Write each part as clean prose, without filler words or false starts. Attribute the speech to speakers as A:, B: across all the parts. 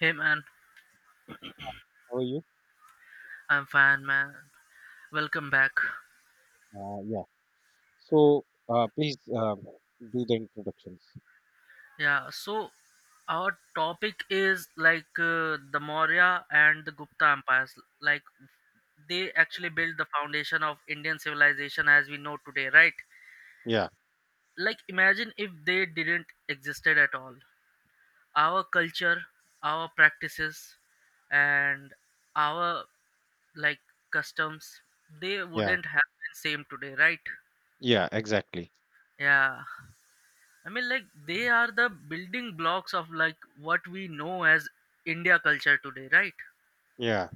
A: Hey man,
B: How are you?
A: I'm fine man. Welcome back.
B: Yeah. So please do the introductions.
A: Yeah, so our topic is like the Maurya and the Gupta empires. Like they actually built the foundation of Indian civilization as we know today, right?
B: Yeah,
A: Like imagine if they didn't existed at all. Our culture, our practices, and our like customs, they
B: yeah,
A: wouldn't have been same today, right?
B: yeah, exactly.
A: Yeah. I mean, like they are the building blocks of like what we know as India culture today, right?
B: Yeah,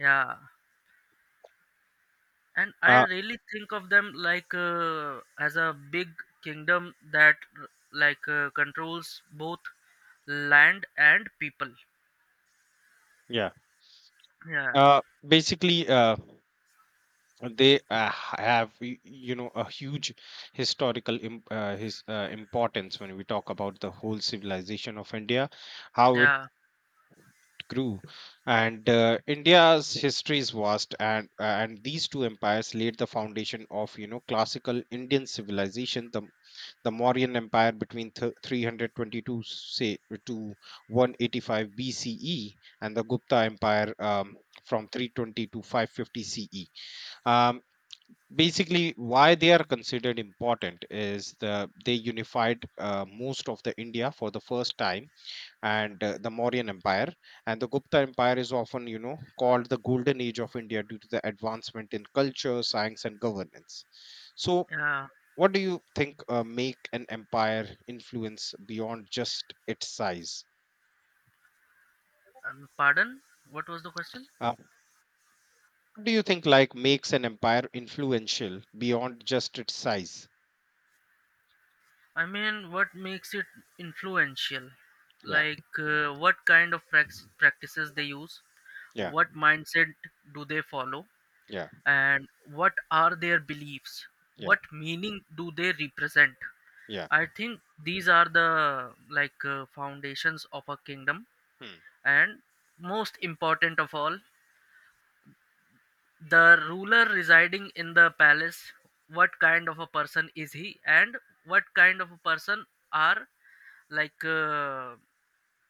A: Yeah, and I
B: uh,
A: really think of them like as a big kingdom that like controls both land and people.
B: yeah.
A: Yeah,
B: Uh, Basically, they have you know a huge historical im his importance when we talk about the whole civilization of India, how it
A: yeah,
B: grew, and India's history is vast, and these two empires laid the foundation of you know classical Indian civilization, the Mauryan Empire between 322, say, to 185 BCE, and the Gupta Empire, from 320 to 550 CE. Um, Basically, why they are considered important is they unified most of the India for the first time, and the Mauryan Empire and the Gupta Empire is often you know called the Golden Age of India due to the advancement in culture, science, and governance. So
A: yeah.
B: what do you think make an empire influence beyond just its size?
A: Pardon? What was the question?
B: Uh, what do you think like makes an empire influential beyond just its size?
A: I mean, what makes it influential?
B: Yeah,
A: Like, what kind of practices they use?
B: yeah,
A: What mindset do they follow?
B: yeah,
A: And what are their beliefs?
B: yeah,
A: What meaning do they represent?
B: yeah.
A: I think these are the like foundations of a kingdom.
B: Hmm,
A: And most important of all, the ruler residing in the palace, what kind of a person is he, and what kind of a person are like uh,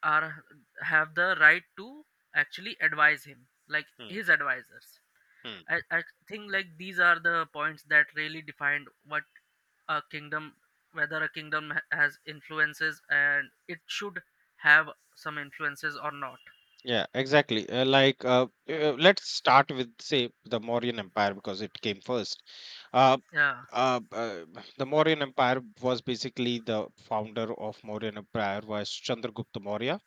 A: are have the right to actually advise him, like
B: hmm,
A: his advisors.
B: hmm.
A: I think like these are the points that really defined what a kingdom whether a kingdom has influences and it should have some influences or not.
B: Yeah, exactly. Like, let's start with say the Mauryan Empire because it came first. Uh,
A: Yeah,
B: uh, uh, the Mauryan Empire was basically the founder of Mauryan Empire was Chandragupta Maurya,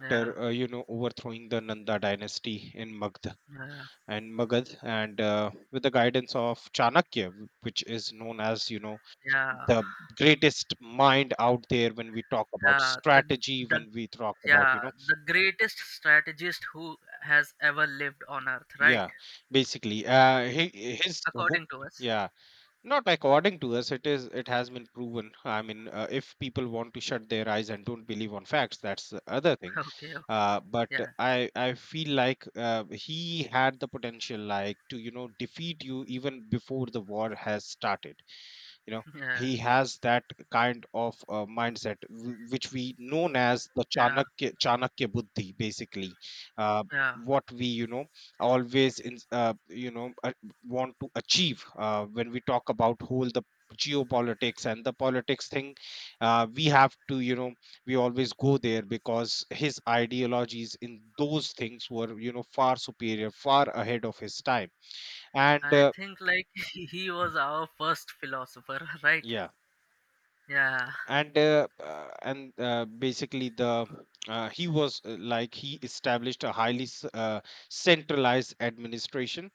A: yeah,
B: you know overthrowing the Nanda dynasty in Magd
A: yeah,
B: and Magad, and with the guidance of Chanakya, which is known as you know
A: yeah,
B: the greatest mind out there when we talk about
A: yeah,
B: strategy,
A: the
B: when we talk about
A: yeah
B: you know
A: the greatest strategist who has ever lived on earth, right?
B: yeah, basically he, his
A: According to us.
B: yeah. Not according to us, it has been proven. I mean, if people want to shut their eyes and don't believe on facts, that's the other thing.
A: Okay, okay.
B: But
A: yeah
B: I feel like he had the potential, like to you know defeat you even before the war has started, you know,
A: yeah
B: he has that kind of mindset which we known as the
A: yeah,
B: chanakya chanakya buddhi, basically. uh,
A: yeah.
B: what we you know always in, you know want to achieve when we talk about whole the geopolitics and the politics thing, we have to you know we always go there because his ideologies in those things were you know far superior, far ahead of his time, and
A: I think like he was our first philosopher, right?
B: yeah.
A: Yeah,
B: And basically the he was like he established a highly centralized administration,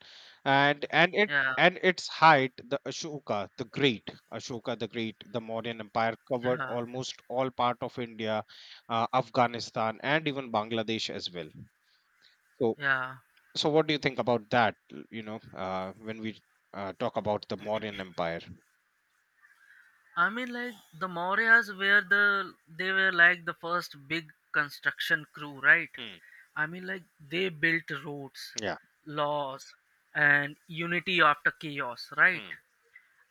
B: and it
A: yeah.
B: and its height, the Ashoka the Great, Ashoka the Great, the Mauryan Empire covered
A: Yeah,
B: almost all part of India, Afghanistan, and even Bangladesh as well. So,
A: yeah.
B: so what do you think about that, you know, when we talk about the Mauryan Empire?
A: I mean, like the Mauryas were they were like the first big construction crew, right?
B: Hmm,
A: I mean, like they built roads,
B: yeah.
A: laws, and unity after chaos, right?
B: Hmm,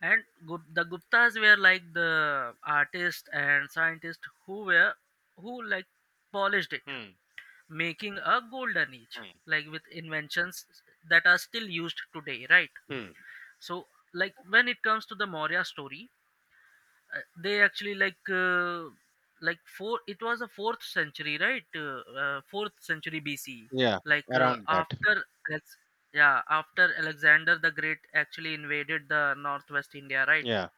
A: And the Guptas were like the artists and scientists who like polished it,
B: hmm,
A: making a golden age,
B: hmm,
A: like with inventions that are still used today, right?
B: hmm.
A: So, like when it comes to the Maurya story, they actually like four it was a fourth century, right? Fourth century BC,
B: Yeah,
A: like
B: around that.
A: after Alex- yeah, after Alexander the Great actually invaded the northwest India, right?
B: Yeah.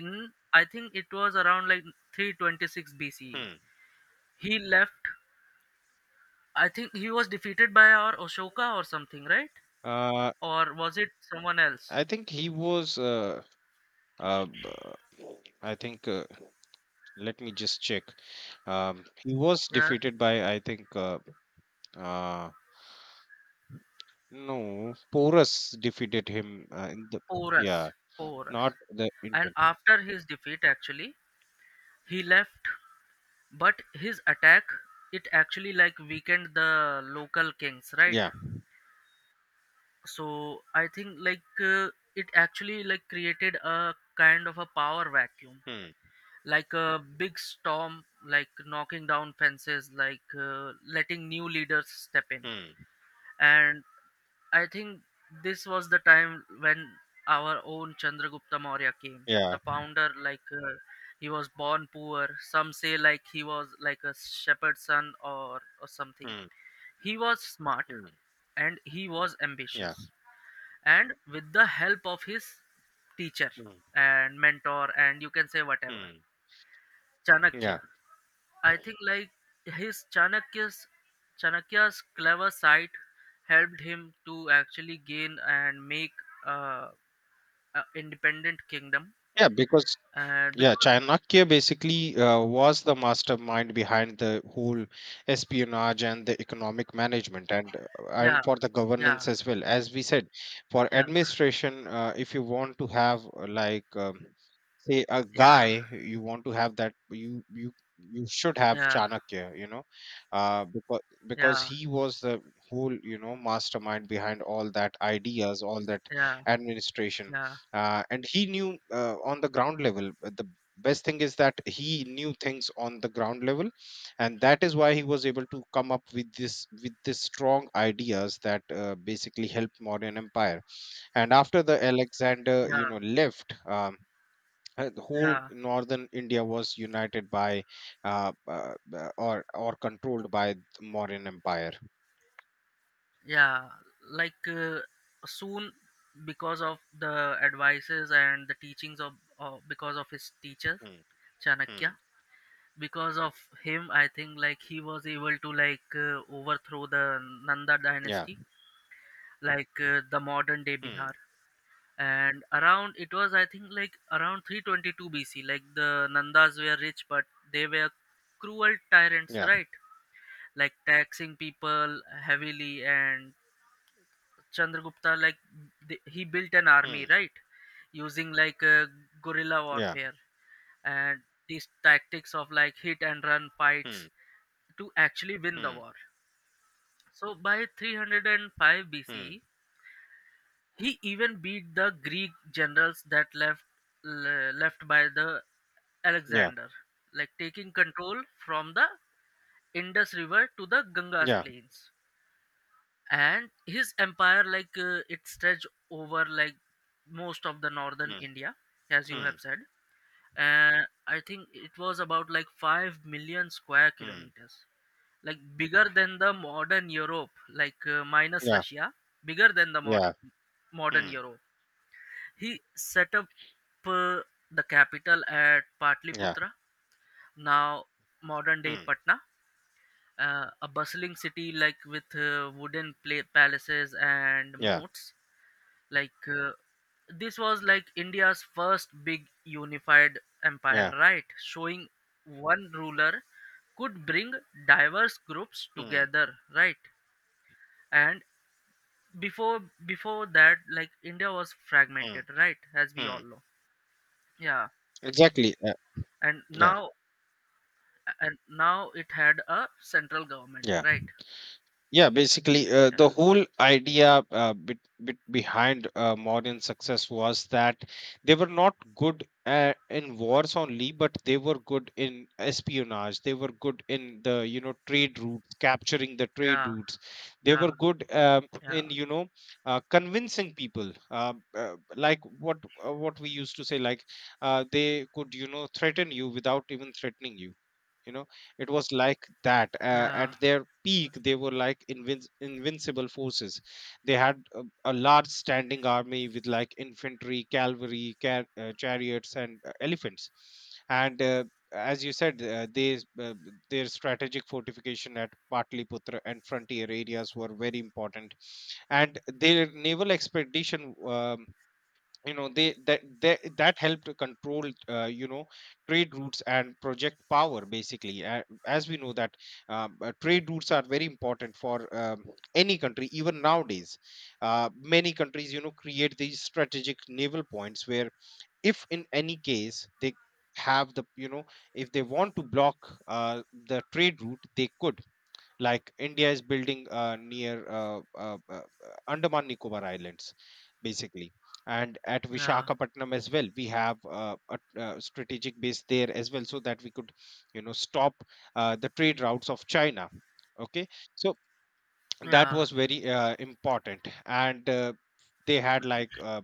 A: In, I think it was around like 326 BC.
B: Hmm.
A: He left. I think he was defeated by our Ashoka or something, right?
B: Uh,
A: Or was it someone else?
B: I think he was. Uh, b- I think. Let me just check. He was
A: Yeah,
B: defeated by, I think. Uh, no, Porus defeated him. In the,
A: Porus.
B: yeah,
A: Porus.
B: not the
A: And
B: Indian.
A: after his defeat actually, he left. But his attack, it actually like weakened the local kings, right?
B: Yeah.
A: So I think like it actually like created a kind of a power vacuum,
B: Hmm.
A: like a big storm, like knocking down fences, like letting new leaders step in.
B: Hmm.
A: And I think this was the time when our own Chandragupta Maurya came, the
B: Yeah.
A: founder. Like he was born poor. Some say like he was like a shepherd's son or something.
B: Hmm.
A: He was smart
B: Hmm.
A: and he was
B: Yeah.
A: ambitious. And with the help of his teacher
B: Hmm.
A: and mentor and you can say whatever,
B: Hmm.
A: Chanakya.
B: Yeah.
A: I think like his Chanakya's Chanakya's clever side helped him to actually gain and make uh, a independent kingdom.
B: Yeah. Because.
A: And
B: Yeah,
A: because
B: Chanakya basically was the mastermind behind the whole espionage and the economic management, and
A: yeah,
B: for the
A: yeah,
B: governance as well. As we said, for
A: yeah,
B: administration, if you want to have, like, say a
A: yeah,
B: guy, you want to have that, you should have
A: yeah,
B: Chanakya, you know, because
A: yeah,
B: he was the whole you know mastermind behind all that ideas, all that
A: yeah,
B: administration,
A: yeah,
B: and he knew on the ground level, but the best thing is that he knew things on the ground level, and that is why he was able to come up with this strong ideas that basically helped modern empire. And after the Alexander, you
A: yeah,
B: know, left, the whole
A: yeah,
B: northern India was united by, or controlled by the modern empire.
A: yeah. Like soon, because of the advices and the teachings of because of his teacher
B: Hmm,
A: Chanakya,
B: hmm,
A: because of him, I think like he was able to like overthrow the Nanda
B: yeah.
A: dynasty, like the modern day
B: Hmm,
A: bihar, and around it was, I think like, around 322 BC. Like the Nandas were rich, but they were cruel tyrants,
B: yeah.
A: right? Like taxing people heavily, and Chandragupta, like he built an army,
B: Hmm,
A: right? Using like guerrilla
B: yeah.
A: warfare and these tactics of like hit and run fights
B: Hmm,
A: to actually win the
B: hmm,
A: war. So by 305
B: hmm,
A: BC, he even beat the Greek generals left by the
B: yeah,
A: Alexander, like taking control from the Indus River to the Ganges
B: yeah.
A: plains, and his empire like it stretched over like most of the northern India, as you
B: Hmm,
A: have said, and I think it was about like 5 million square
B: hmm.
A: kilometers, like bigger than the modern Europe, like minus
B: Yeah,
A: Russia. Bigger than the
B: yeah.
A: modern
B: Hmm,
A: Europe. He set up uh, the capital at
B: yeah.
A: Patliputra, now modern day
B: Hmm,
A: patna, a bustling city like with wooden palaces and
B: yeah,
A: moats. Like this was like India's first big unified empire,
B: yeah.
A: right? Showing one ruler could bring diverse groups
B: Hmm,
A: together, right? And before before that, like India was
B: hmm,
A: fragmented, right? As we
B: hmm.
A: all know. Yeah.
B: Exactly.
A: And
B: Yeah,
A: now, it had a central government,
B: yeah.
A: right?
B: Yeah, basically the
A: Yeah,
B: whole idea bit, bit behind modern success was that they were not good in wars only, but they were good in espionage, they were good in the you know trade routes, capturing the trade
A: yeah,
B: routes. They were
A: yeah,
B: good,
A: yeah,
B: in you know convincing people, like what, what we used to say, like, they could you know threaten you without even threatening you, you know. It was like that. At
A: yeah,
B: their peak they were like invincible forces. They had a large standing army with like infantry, cavalry, chariots, and elephants, and as you said, they, their strategic fortification at Patliputra and frontier areas were very important, and their naval expedition, you know, they that helped to control, you know, trade routes and project power, basically. As we know that, trade routes are very important for, any country, even nowadays. Many countries you know create these strategic naval points where, if in any case they have the, you know, if they want to block the trade route, they could, like India is building near, Andaman Nicobar Islands, basically, and at
A: yeah,
B: Vishakhapatnam as well we have, a, strategic base there as well, so that we could you know stop the trade routes of China. Okay. So that
A: yeah,
B: was very important, and they had like,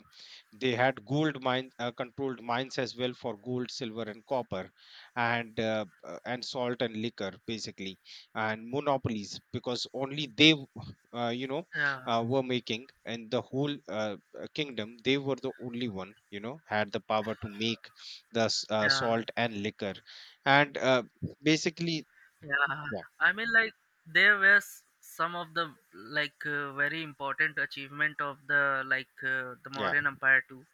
B: they had gold mine, controlled mines as well for gold, silver, and copper, and and salt and liquor, basically, and monopolies, because only they, you know,
A: yeah,
B: were making, and the whole, kingdom they were the only one you know had the power to make the,
A: yeah.
B: salt and liquor, and basically,
A: Yeah,
B: yeah.
A: I mean, like there were some of the like very important achievement of the like the
B: Yeah.
A: Mauryan Empire too.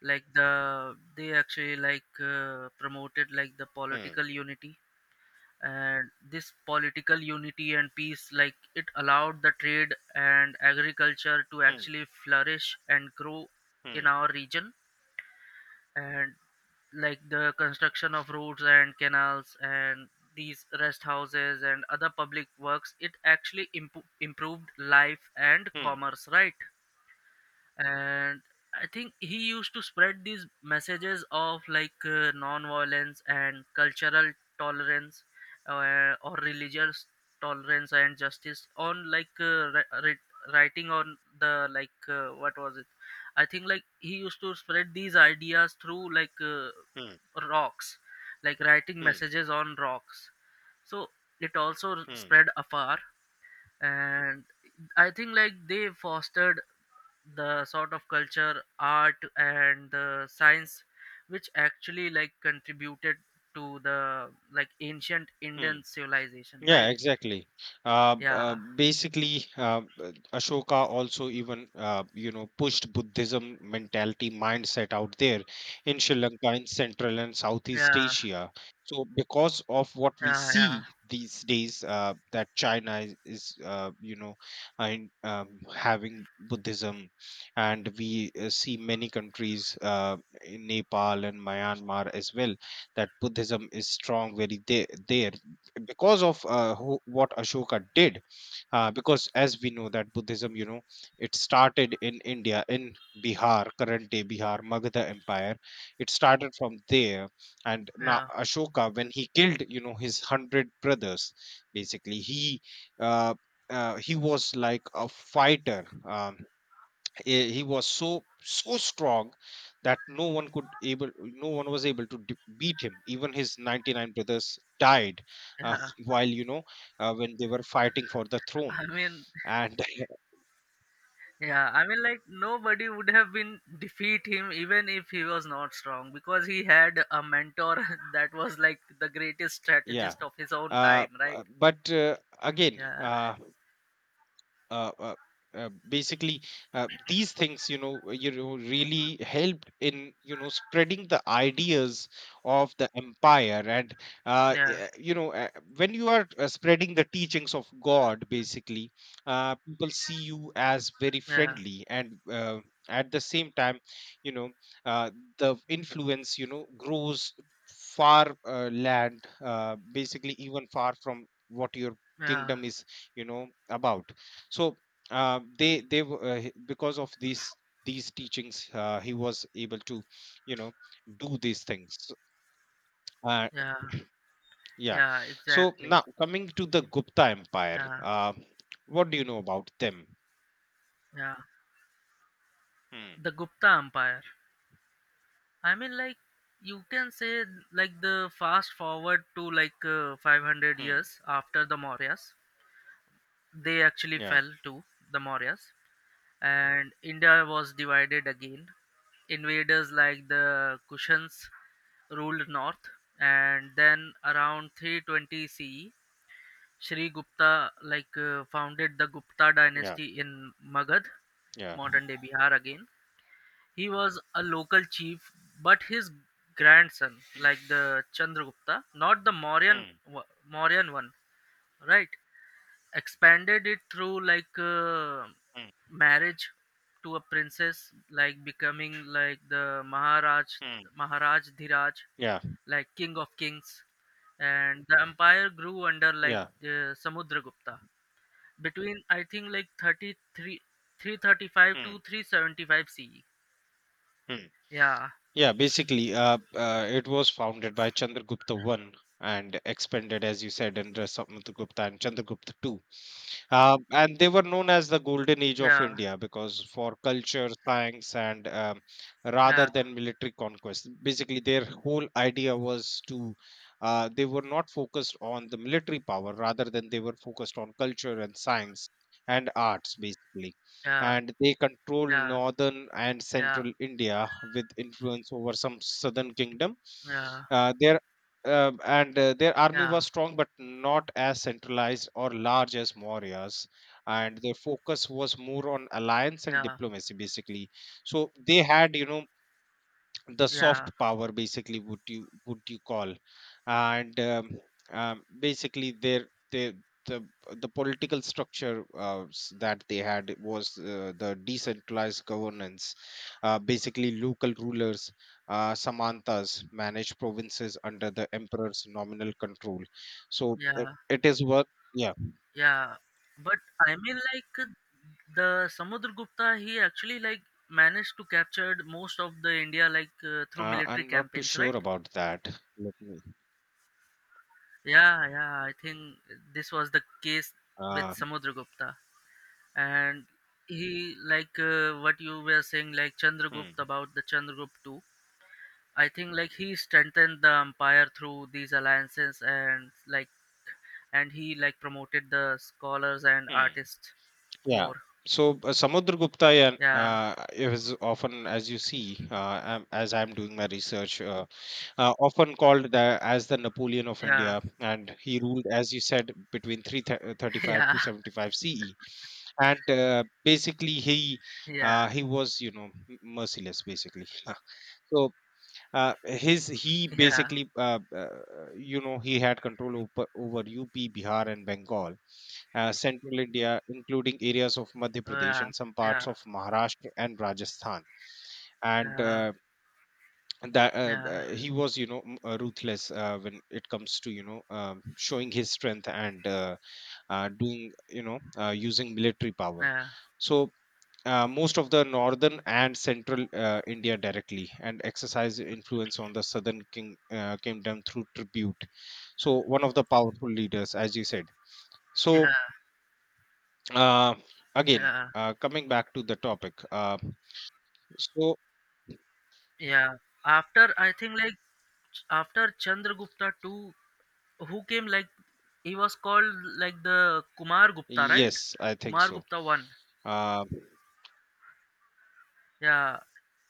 A: Like they actually like promoted like the
B: Hmm,
A: political unity, and this political unity and peace like it allowed the trade and agriculture to
B: hmm,
A: actually flourish and grow in
B: hmm,
A: our region. And like the construction of roads and canals and these rest houses and other public works, it actually improved life and
B: hmm,
A: commerce, right? And I think he used to spread these messages of like non-violence and cultural tolerance, or religious tolerance and justice on like writing on the like what was it. I think like he used to spread these ideas through like
B: hmm.
A: rocks, like writing
B: 嗯
A: messages on rocks, so it also
B: 嗯
A: spread afar. And I think like they fostered the sort of culture, art, and the science, which actually like contributed to the like ancient Indian
B: 嗯。
A: civilization,
B: Yeah,
A: right?
B: exactly.
A: Yeah,
B: Basically, Ashoka also even you know pushed Buddhism mentality mindset out there in Sri Lanka, in Central and Southeast
A: yeah,
B: Asia. So, because of what we
A: yeah, yeah,
B: see these days, that China is, you know, and, having Buddhism, and we see many countries in Nepal and Myanmar as well, that Buddhism is strong very there, because of what Ashoka did, because as we know that Buddhism, you know, it started in India, in Bihar, current day Bihar, Magadha Empire. It started from there, and now
A: yeah,
B: Ashoka, when he killed, you know, his hundred brothers, basically, uh, he was like a fighter. He was so strong that no one was able to beat him, even his 99 brothers died, uh,
A: yeah.
B: while you know when they were fighting for the throne,
A: I mean,
B: and
A: yeah, I mean, like nobody would have been defeat him even if he was not strong, because he had a mentor that was like the greatest
B: yeah.
A: strategist of his own time, right?
B: But Again,
A: Yeah,
B: uh, uh, basically, these things you know really helped in you know spreading the ideas of the empire, and
A: yeah,
B: you know when you are spreading the teachings of god, basically, people see you as very
A: yeah,
B: friendly, and at the same time, you know, uh, the influence you know grows far, land basically, even far from what your
A: yeah,
B: kingdom is, you know, about. So because of these teachings, he was able to you know do these things. So, uh,
A: yeah,
B: yeah.
A: yeah,
B: So
A: exactly,
B: now coming to the Gupta Empire,
A: yeah.
B: what do you know about them?
A: Yeah,
B: Hmm,
A: the Gupta Empire. I mean, like you can say like the fast forward to like 500
B: hmm,
A: years after the Mauryas, they actually
B: yeah.
A: fell to the Mauryas, and India was divided again. Invaders like the Kushans ruled north, and then around 320 CE, Shri Gupta like founded the Gupta
B: Yeah,
A: dynasty in Magad,
B: yeah.
A: modern day Bihar again. He was a local chief, but his grandson,
B: Hmm,
A: like the Chandragupta, not the
B: hmm,
A: Mauryan one, right? Expanded it through like
B: hmm,
A: marriage to a princess, like becoming like the
B: hmm,
A: Maharaj Dhiraj,
B: yeah,
A: like king of kings, and the empire grew under like
B: yeah.
A: Samudragupta between, I think like 33 335 to
B: Hmm,
A: 375 CE.
B: hmm.
A: Yeah,
B: Yeah, basically it was founded by Chandragupta I and expanded, as you said, under Samudragupta and Chandragupta II. And they were known as the Golden Age of
A: yeah,
B: India because for culture, science, and, rather
A: yeah,
B: than military conquest, basically their whole idea was to, they were not focused on the military power, rather than they were focused on culture and science and arts, basically.
A: yeah,
B: And they controlled
A: yeah,
B: northern and
A: yeah,
B: central India with influence over some southern kingdom.
A: yeah,
B: Uh, their their army
A: yeah,
B: was strong but not as centralized or large as Maurya's, and their focus was more on alliance and
A: yeah,
B: diplomacy, basically. So they had, you know, the
A: yeah,
B: soft power, basically, would you, call? And basically the the political structure, that they had was the decentralized governance, basically local rulers, samantas, managed provinces under the emperor's nominal control. So it,
A: yeah,
B: it is what, yeah.
A: yeah. But I mean, like the Samudragupta, he actually like managed to capture most of the India like through military
B: I'm not too
A: campaigns, right?
B: sure about that. Let me,
A: Yeah, yeah. I think this was the case with
B: uh,
A: Samudragupta, and he like what you were saying, like Chandragupta
B: hmm,
A: about the Chandragupta too. I think like he strengthened the empire through these alliances, and he like promoted the scholars and
B: hmm.
A: artists
B: Yeah.
A: more.
B: So Samudragupta and
A: Yeah,
B: is often, as you see, am as I'm doing my research, often called the Napoleon of
A: yeah.
B: India, and he ruled, as you said, between 335 to
A: Yeah,
B: 75 CE, and basically
A: yeah,
B: he was, you know, merciless, basically. so his he
A: yeah,
B: basically, he had control over UP, Bihar, and Bengal, central India, including areas of Madhya Pradesh
A: yeah,
B: and some
A: yeah,
B: parts of Maharashtra and Rajasthan. And
A: yeah,
B: that
A: yeah,
B: he was, you know, ruthless when it comes to, you know, showing his strength and doing, you know, using military power.
A: yeah,
B: So. Most of the northern and central India directly and exercise influence on the southern kingdom through tribute. So, one of the powerful leaders, as you said.
A: yeah,
B: So, Uh, again,
A: yeah,
B: coming back to the topic. So
A: yeah. After, I think like, after Chandragupta too, who came, like he was called like the Kumar Gupta, right?
B: yes, I think
A: Kumar
B: so.
A: Gupta one.
B: Uh,
A: Yeah,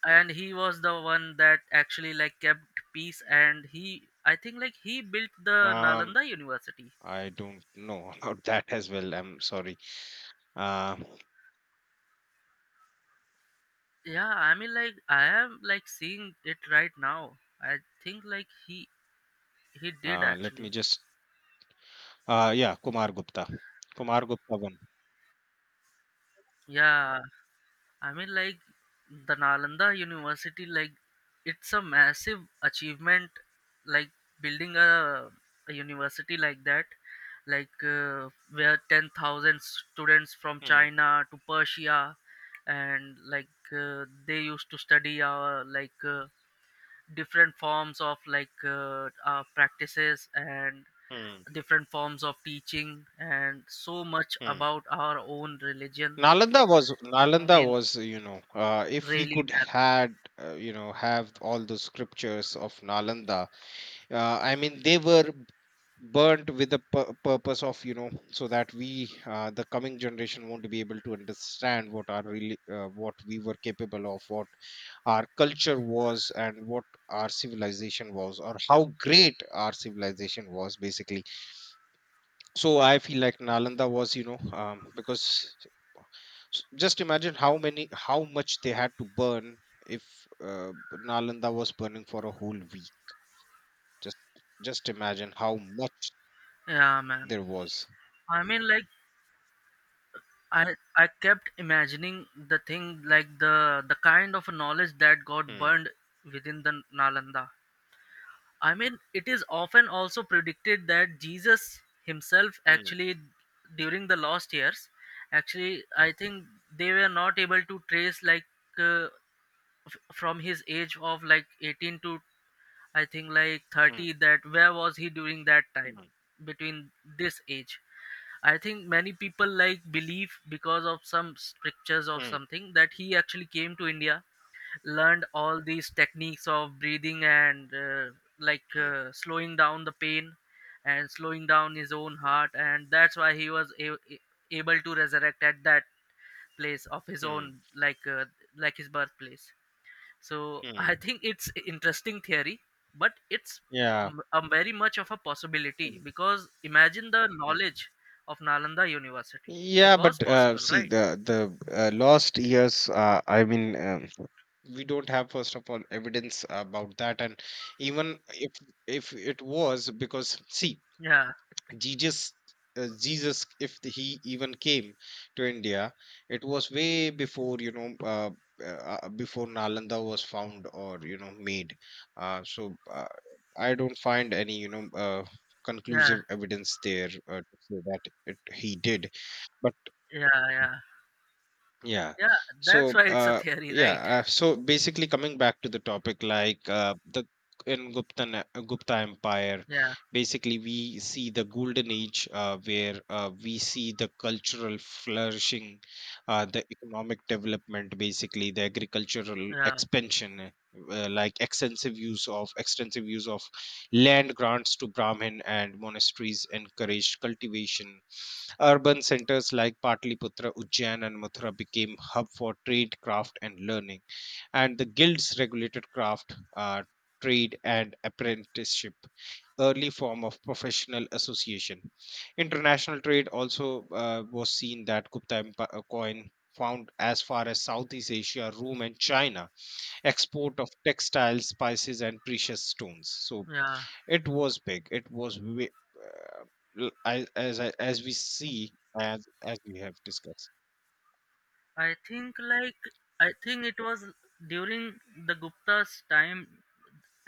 A: and he was the one that actually like kept peace, and he I think like he built the
B: um,
A: Nalanda University.
B: I don't know about that as well. I'm sorry. Uh,
A: Yeah, I mean, like I am like seeing it right now. I think like he did
B: Let
A: actually.
B: me just. Yeah, Kumar Gupta. Kumar Gupta won.
A: Yeah. I mean, like the Nalanda University, like it's a massive achievement, like building a university like that, like where 10,000 students from
B: Hmm.
A: China to Persia, and like they used to study our like different forms of like our practices and
B: Hmm.
A: different forms of teaching and so much
B: Hmm.
A: about our own religion.
B: Nalanda was
A: I
B: Nalanda
A: mean,
B: was you know, if we
A: really,
B: could
A: man.
B: had, you know, have all the scriptures of Nalanda. I mean they were burnt with the purpose of, you know, so that we, the coming generation, won't be able to understand what our really, what we were capable of, what our culture was and what our civilization was, or how great our civilization was, basically. So I feel like Nalanda was, you know, because just imagine how much they had to burn if uh, Nalanda was burning for a whole week. Just just imagine how much
A: Yeah, man.
B: there was.
A: I mean, like I kept imagining the thing, like the kind of knowledge that got
B: Mm.
A: burned within the Nalanda. I mean, it is often also predicted that Jesus himself
B: Mm.
A: actually during the last years, actually I think they were not able to trace like uh, from his age of like 18 to, I think like,
B: Mm.
A: 30, that where was he during that time,
B: Mm.
A: between this age. I think many people like believe, because of some strictures or
B: Mm.
A: something, that he actually came to India, learned all these techniques of breathing and like
B: Mm.
A: slowing down the pain and slowing down his own heart, and that's why he was able to resurrect at that place of his
B: Mm.
A: own, like his birthplace. So
B: Mm.
A: I think it's interesting theory, but it's
B: Yeah.
A: a very much of a possibility,
B: Mm.
A: because imagine the
B: Mm.
A: knowledge of Nalanda University. It
B: Yeah,
A: was
B: but
A: possible,
B: see
A: right?
B: the lost years. I mean, we don't have, first of all, evidence about that, and even if it was, because see,
A: Yeah,
B: Jesus, Jesus, if he even came to India, it was way before, you know, uh, before Nalanda was found or, you know, made. So I don't find any, you know,
A: yeah,
B: conclusive evidence there to say that he did. But
A: yeah, yeah,
B: yeah.
A: yeah. That's
B: So,
A: why it's a theory, right?
B: yeah. So basically, coming back to the topic, like the Gupta Empire,
A: Yeah,
B: basically we see the golden age where we see the cultural flourishing, the economic development, basically the agricultural
A: yeah,
B: expansion. Like extensive use of land grants to Brahmin and monasteries encouraged cultivation. Urban centers like Patliputra, Ujjain, and Mathura became hub for trade, craft, and learning, and the guilds regulated craft, trade, and apprenticeship, early form of professional association. International trade also was seen, that Gupta coin found as far as Southeast Asia, Rome, and China, export of textiles, spices, and precious stones. So
A: yeah.
B: it was big. It was way, uh, as we see, as we have discussed.
A: I think like I think it was during the Gupta's time.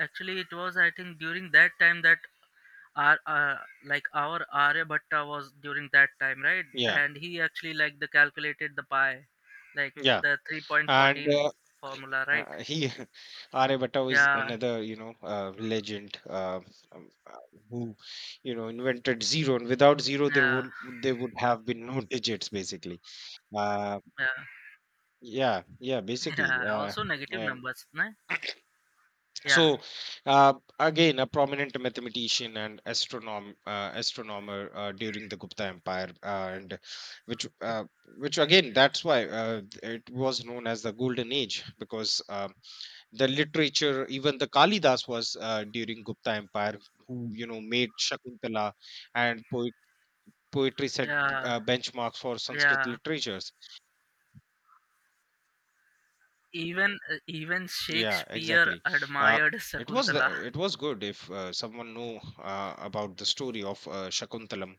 A: Actually, it was, I think, during that time that Ar like our Aryabhatta was during that time, right?
B: Yeah,
A: And he actually like the calculated the pi, like
B: yeah.
A: the
B: and
A: 3.14
B: uh,
A: formula, right?
B: uh, he Aryabhatta is
A: Yeah,
B: another, you know, legend, um, uh, who, you know, invented zero, and without zero there
A: yeah,
B: would there would have been no digits, basically. Uh,
A: yeah,
B: yeah, yeah, basically.
A: yeah. Also negative
B: Um,
A: numbers, no? Yeah,
B: So, uh, again, a prominent mathematician and astronomer during the Gupta Empire, and which uh, which again, that's why it was known as the Golden Age, because the literature, even the Kalidas was during Gupta Empire, who, you know, made Shakuntala and poetry set
A: yeah,
B: benchmarks for Sanskrit
A: yeah.
B: literature.
A: Even
B: Yeah,
A: Shakespeare
B: exactly. Uh,
A: admired
B: it was
A: Sakuntala.
B: it was good if someone knew about the story of Shakuntalam.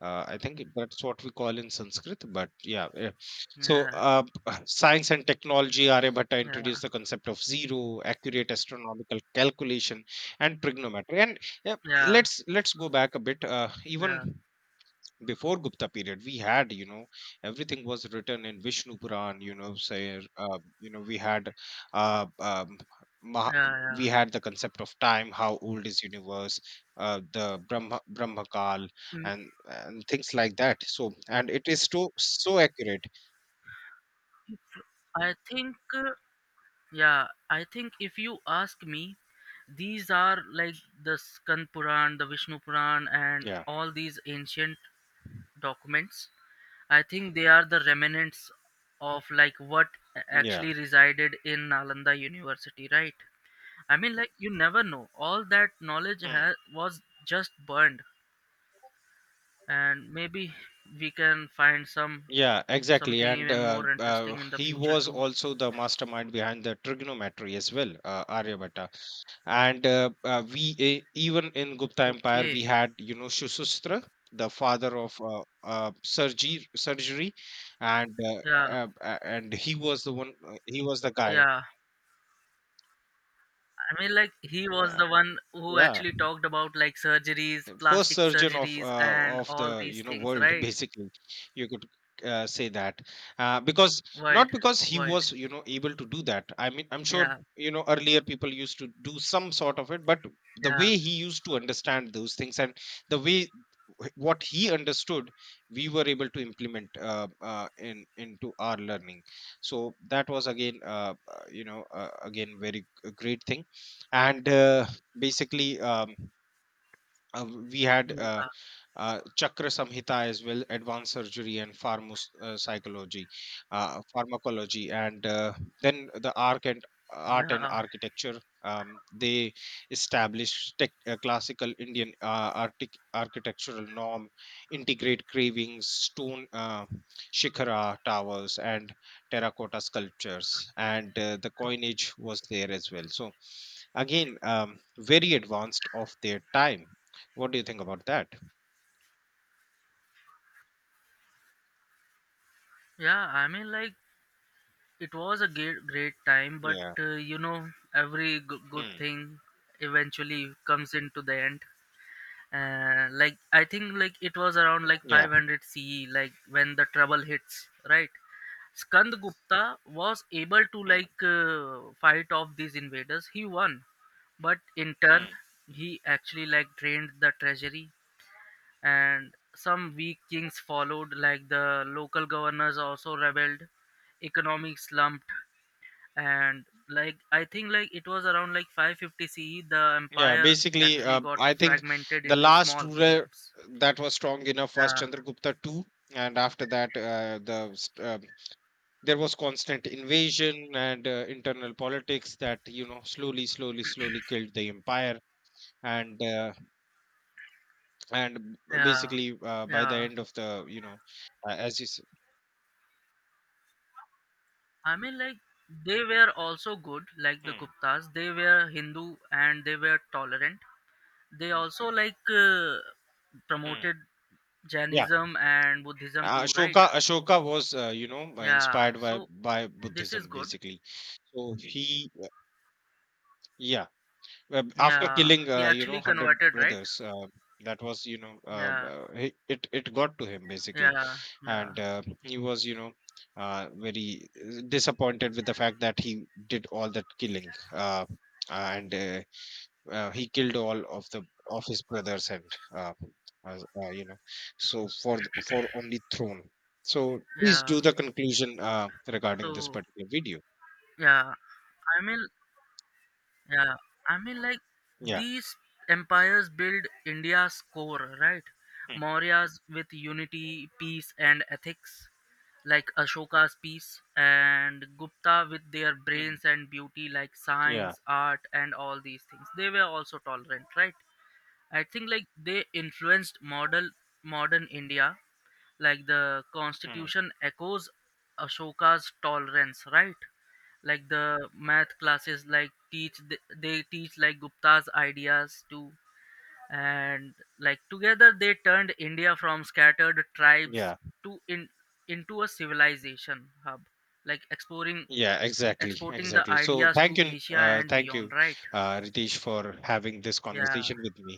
B: I think that's what we call in Sanskrit. But yeah, eh. So
A: Yeah,
B: science and technology, Aryabhatta
A: yeah,
B: introduced the concept of zero, accurate astronomical calculation, and trigonometry. And yeah,
A: yeah,
B: let's go back a bit.
A: yeah,
B: Even before Gupta period, we had, you know, everything was written in Vishnu Puran, you know, say, you know, we had, uh, um, Maha,
A: yeah, yeah.
B: we had the concept of time, how old is universe, the Brahma Kal,
A: Me-
B: and things like that. So, and it is so so accurate.
A: I think. Yeah, I think if you ask me, these are like the Skand Puran, the Vishnu Puran, and
B: Yeah,
A: all these ancient documents. I think they are the remnants of like what
B: yeah.
A: actually resided in Nalanda University, right? I mean, like you never know. All that knowledge
B: Hmm.
A: was just burned, and maybe we can find
B: Yeah, exactly.
A: something
B: And
A: even more interesting in the
B: he
A: future
B: was
A: too.
B: also the mastermind behind the trigonometry as well, Aryabhatta. And even in Gupta Empire
A: Okay.
B: we had, you know, Shushastra, the father of surgery, and uh,
A: Yeah.
B: and he was the guy,
A: Yeah. I mean, like he was
B: yeah,
A: the one who
B: yeah,
A: actually talked about like surgeries,
B: first
A: plastic
B: surgeon of
A: surgeries,
B: uh,
A: and
B: of the,
A: all these
B: you know,
A: things,
B: world
A: right?
B: basically. You could say that because,
A: World,
B: not because he
A: world.
B: was, you know, able to do that, I mean I'm sure,
A: Yeah,
B: you know, earlier people used to do some sort of it, but the
A: yeah,
B: way he used to understand those things and the way what he understood we were able to implement in into our learning, so that was again, you know, again very great thing. And basically, uh, we had
A: yeah,
B: Chakra Samhita as well, advanced surgery and pharmos psychology, pharmacology, and then the arc and art and
A: yeah,
B: architecture. They established classical Indian architectural norm, integrate cravings, stone shikhara towers, and terracotta sculptures, and the coinage was there as well. So again, very advanced of their time. What do you think about that?
A: yeah. I mean, like it was a great, great time, but
B: Yeah.
A: every good, good
B: Mm.
A: thing eventually comes into the end. Like I think, like it was around like
B: Yeah.
A: 500 CE, like when the trouble hits, right? Skandagupta was able to
B: Mm.
A: like fight off these invaders. He won, but in turn,
B: Mm.
A: he actually like drained the treasury, and some weak kings followed. Like the local governors also rebelled, economic slumped, and like I think like it was around like 550 CE the
B: Yeah.
A: empire
B: Basically,
A: actually got
B: I think
A: fragmented
B: the
A: into
B: last
A: small
B: ruler
A: kingdoms.
B: that was strong enough was
A: Yeah,
B: Chandragupta too, and after that, there was constant invasion and internal politics that, you know, slowly, slowly, slowly killed the empire. And uh, and
A: yeah,
B: basically, by the
A: yeah.
B: end of the, you know, as you said.
A: I mean, like they were also good, like the
B: Mm.
A: Guptas. They were Hindu and they were tolerant. They
B: Mm.
A: also like
B: Mm.
A: promoted
B: Yeah.
A: Jainism and Buddhism too, right?
B: Ashoka was you know
A: Yeah.
B: inspired by
A: So
B: by
A: this is
B: Buddhism,
A: good.
B: basically. So he, yeah after
A: Yeah.
B: killing,
A: He
B: you know,
A: actually
B: 100
A: converted, right?
B: brothers, that was, you know,
A: Yeah.
B: it got to him, basically.
A: Yeah. Yeah.
B: And he was, you know, very disappointed with the fact that he did all that killing, and he killed all of the of his brothers and uh, you know, so for for only throne. So please
A: Yeah.
B: do the conclusion regarding this
A: So
B: particular video.
A: yeah. I mean, yeah, I mean, like
B: Yeah.
A: these empires build India's core, right?
B: Mm.
A: Mauryas with unity, peace, and ethics, like Ashoka's peace, and Gupta with their
B: Mm.
A: brains and beauty, like
B: Yeah.
A: science, art, and all these things. They were also tolerant, right? I think like they influenced model modern India, like the
B: Mm.
A: constitution echoes Ashoka's tolerance, right? Like the math classes, like teach they teach like Gupta's ideas too, and like together they turned India from scattered tribes
B: Yeah,
A: to in into a civilization hub, like exploring
B: yeah, exactly,
A: exporting the
B: exactly, so
A: ideas
B: thank
A: to
B: you.
A: Asia and
B: Thank
A: beyond,
B: you,
A: right?
B: Ritesh, for having this
A: Yeah.
B: conversation with me.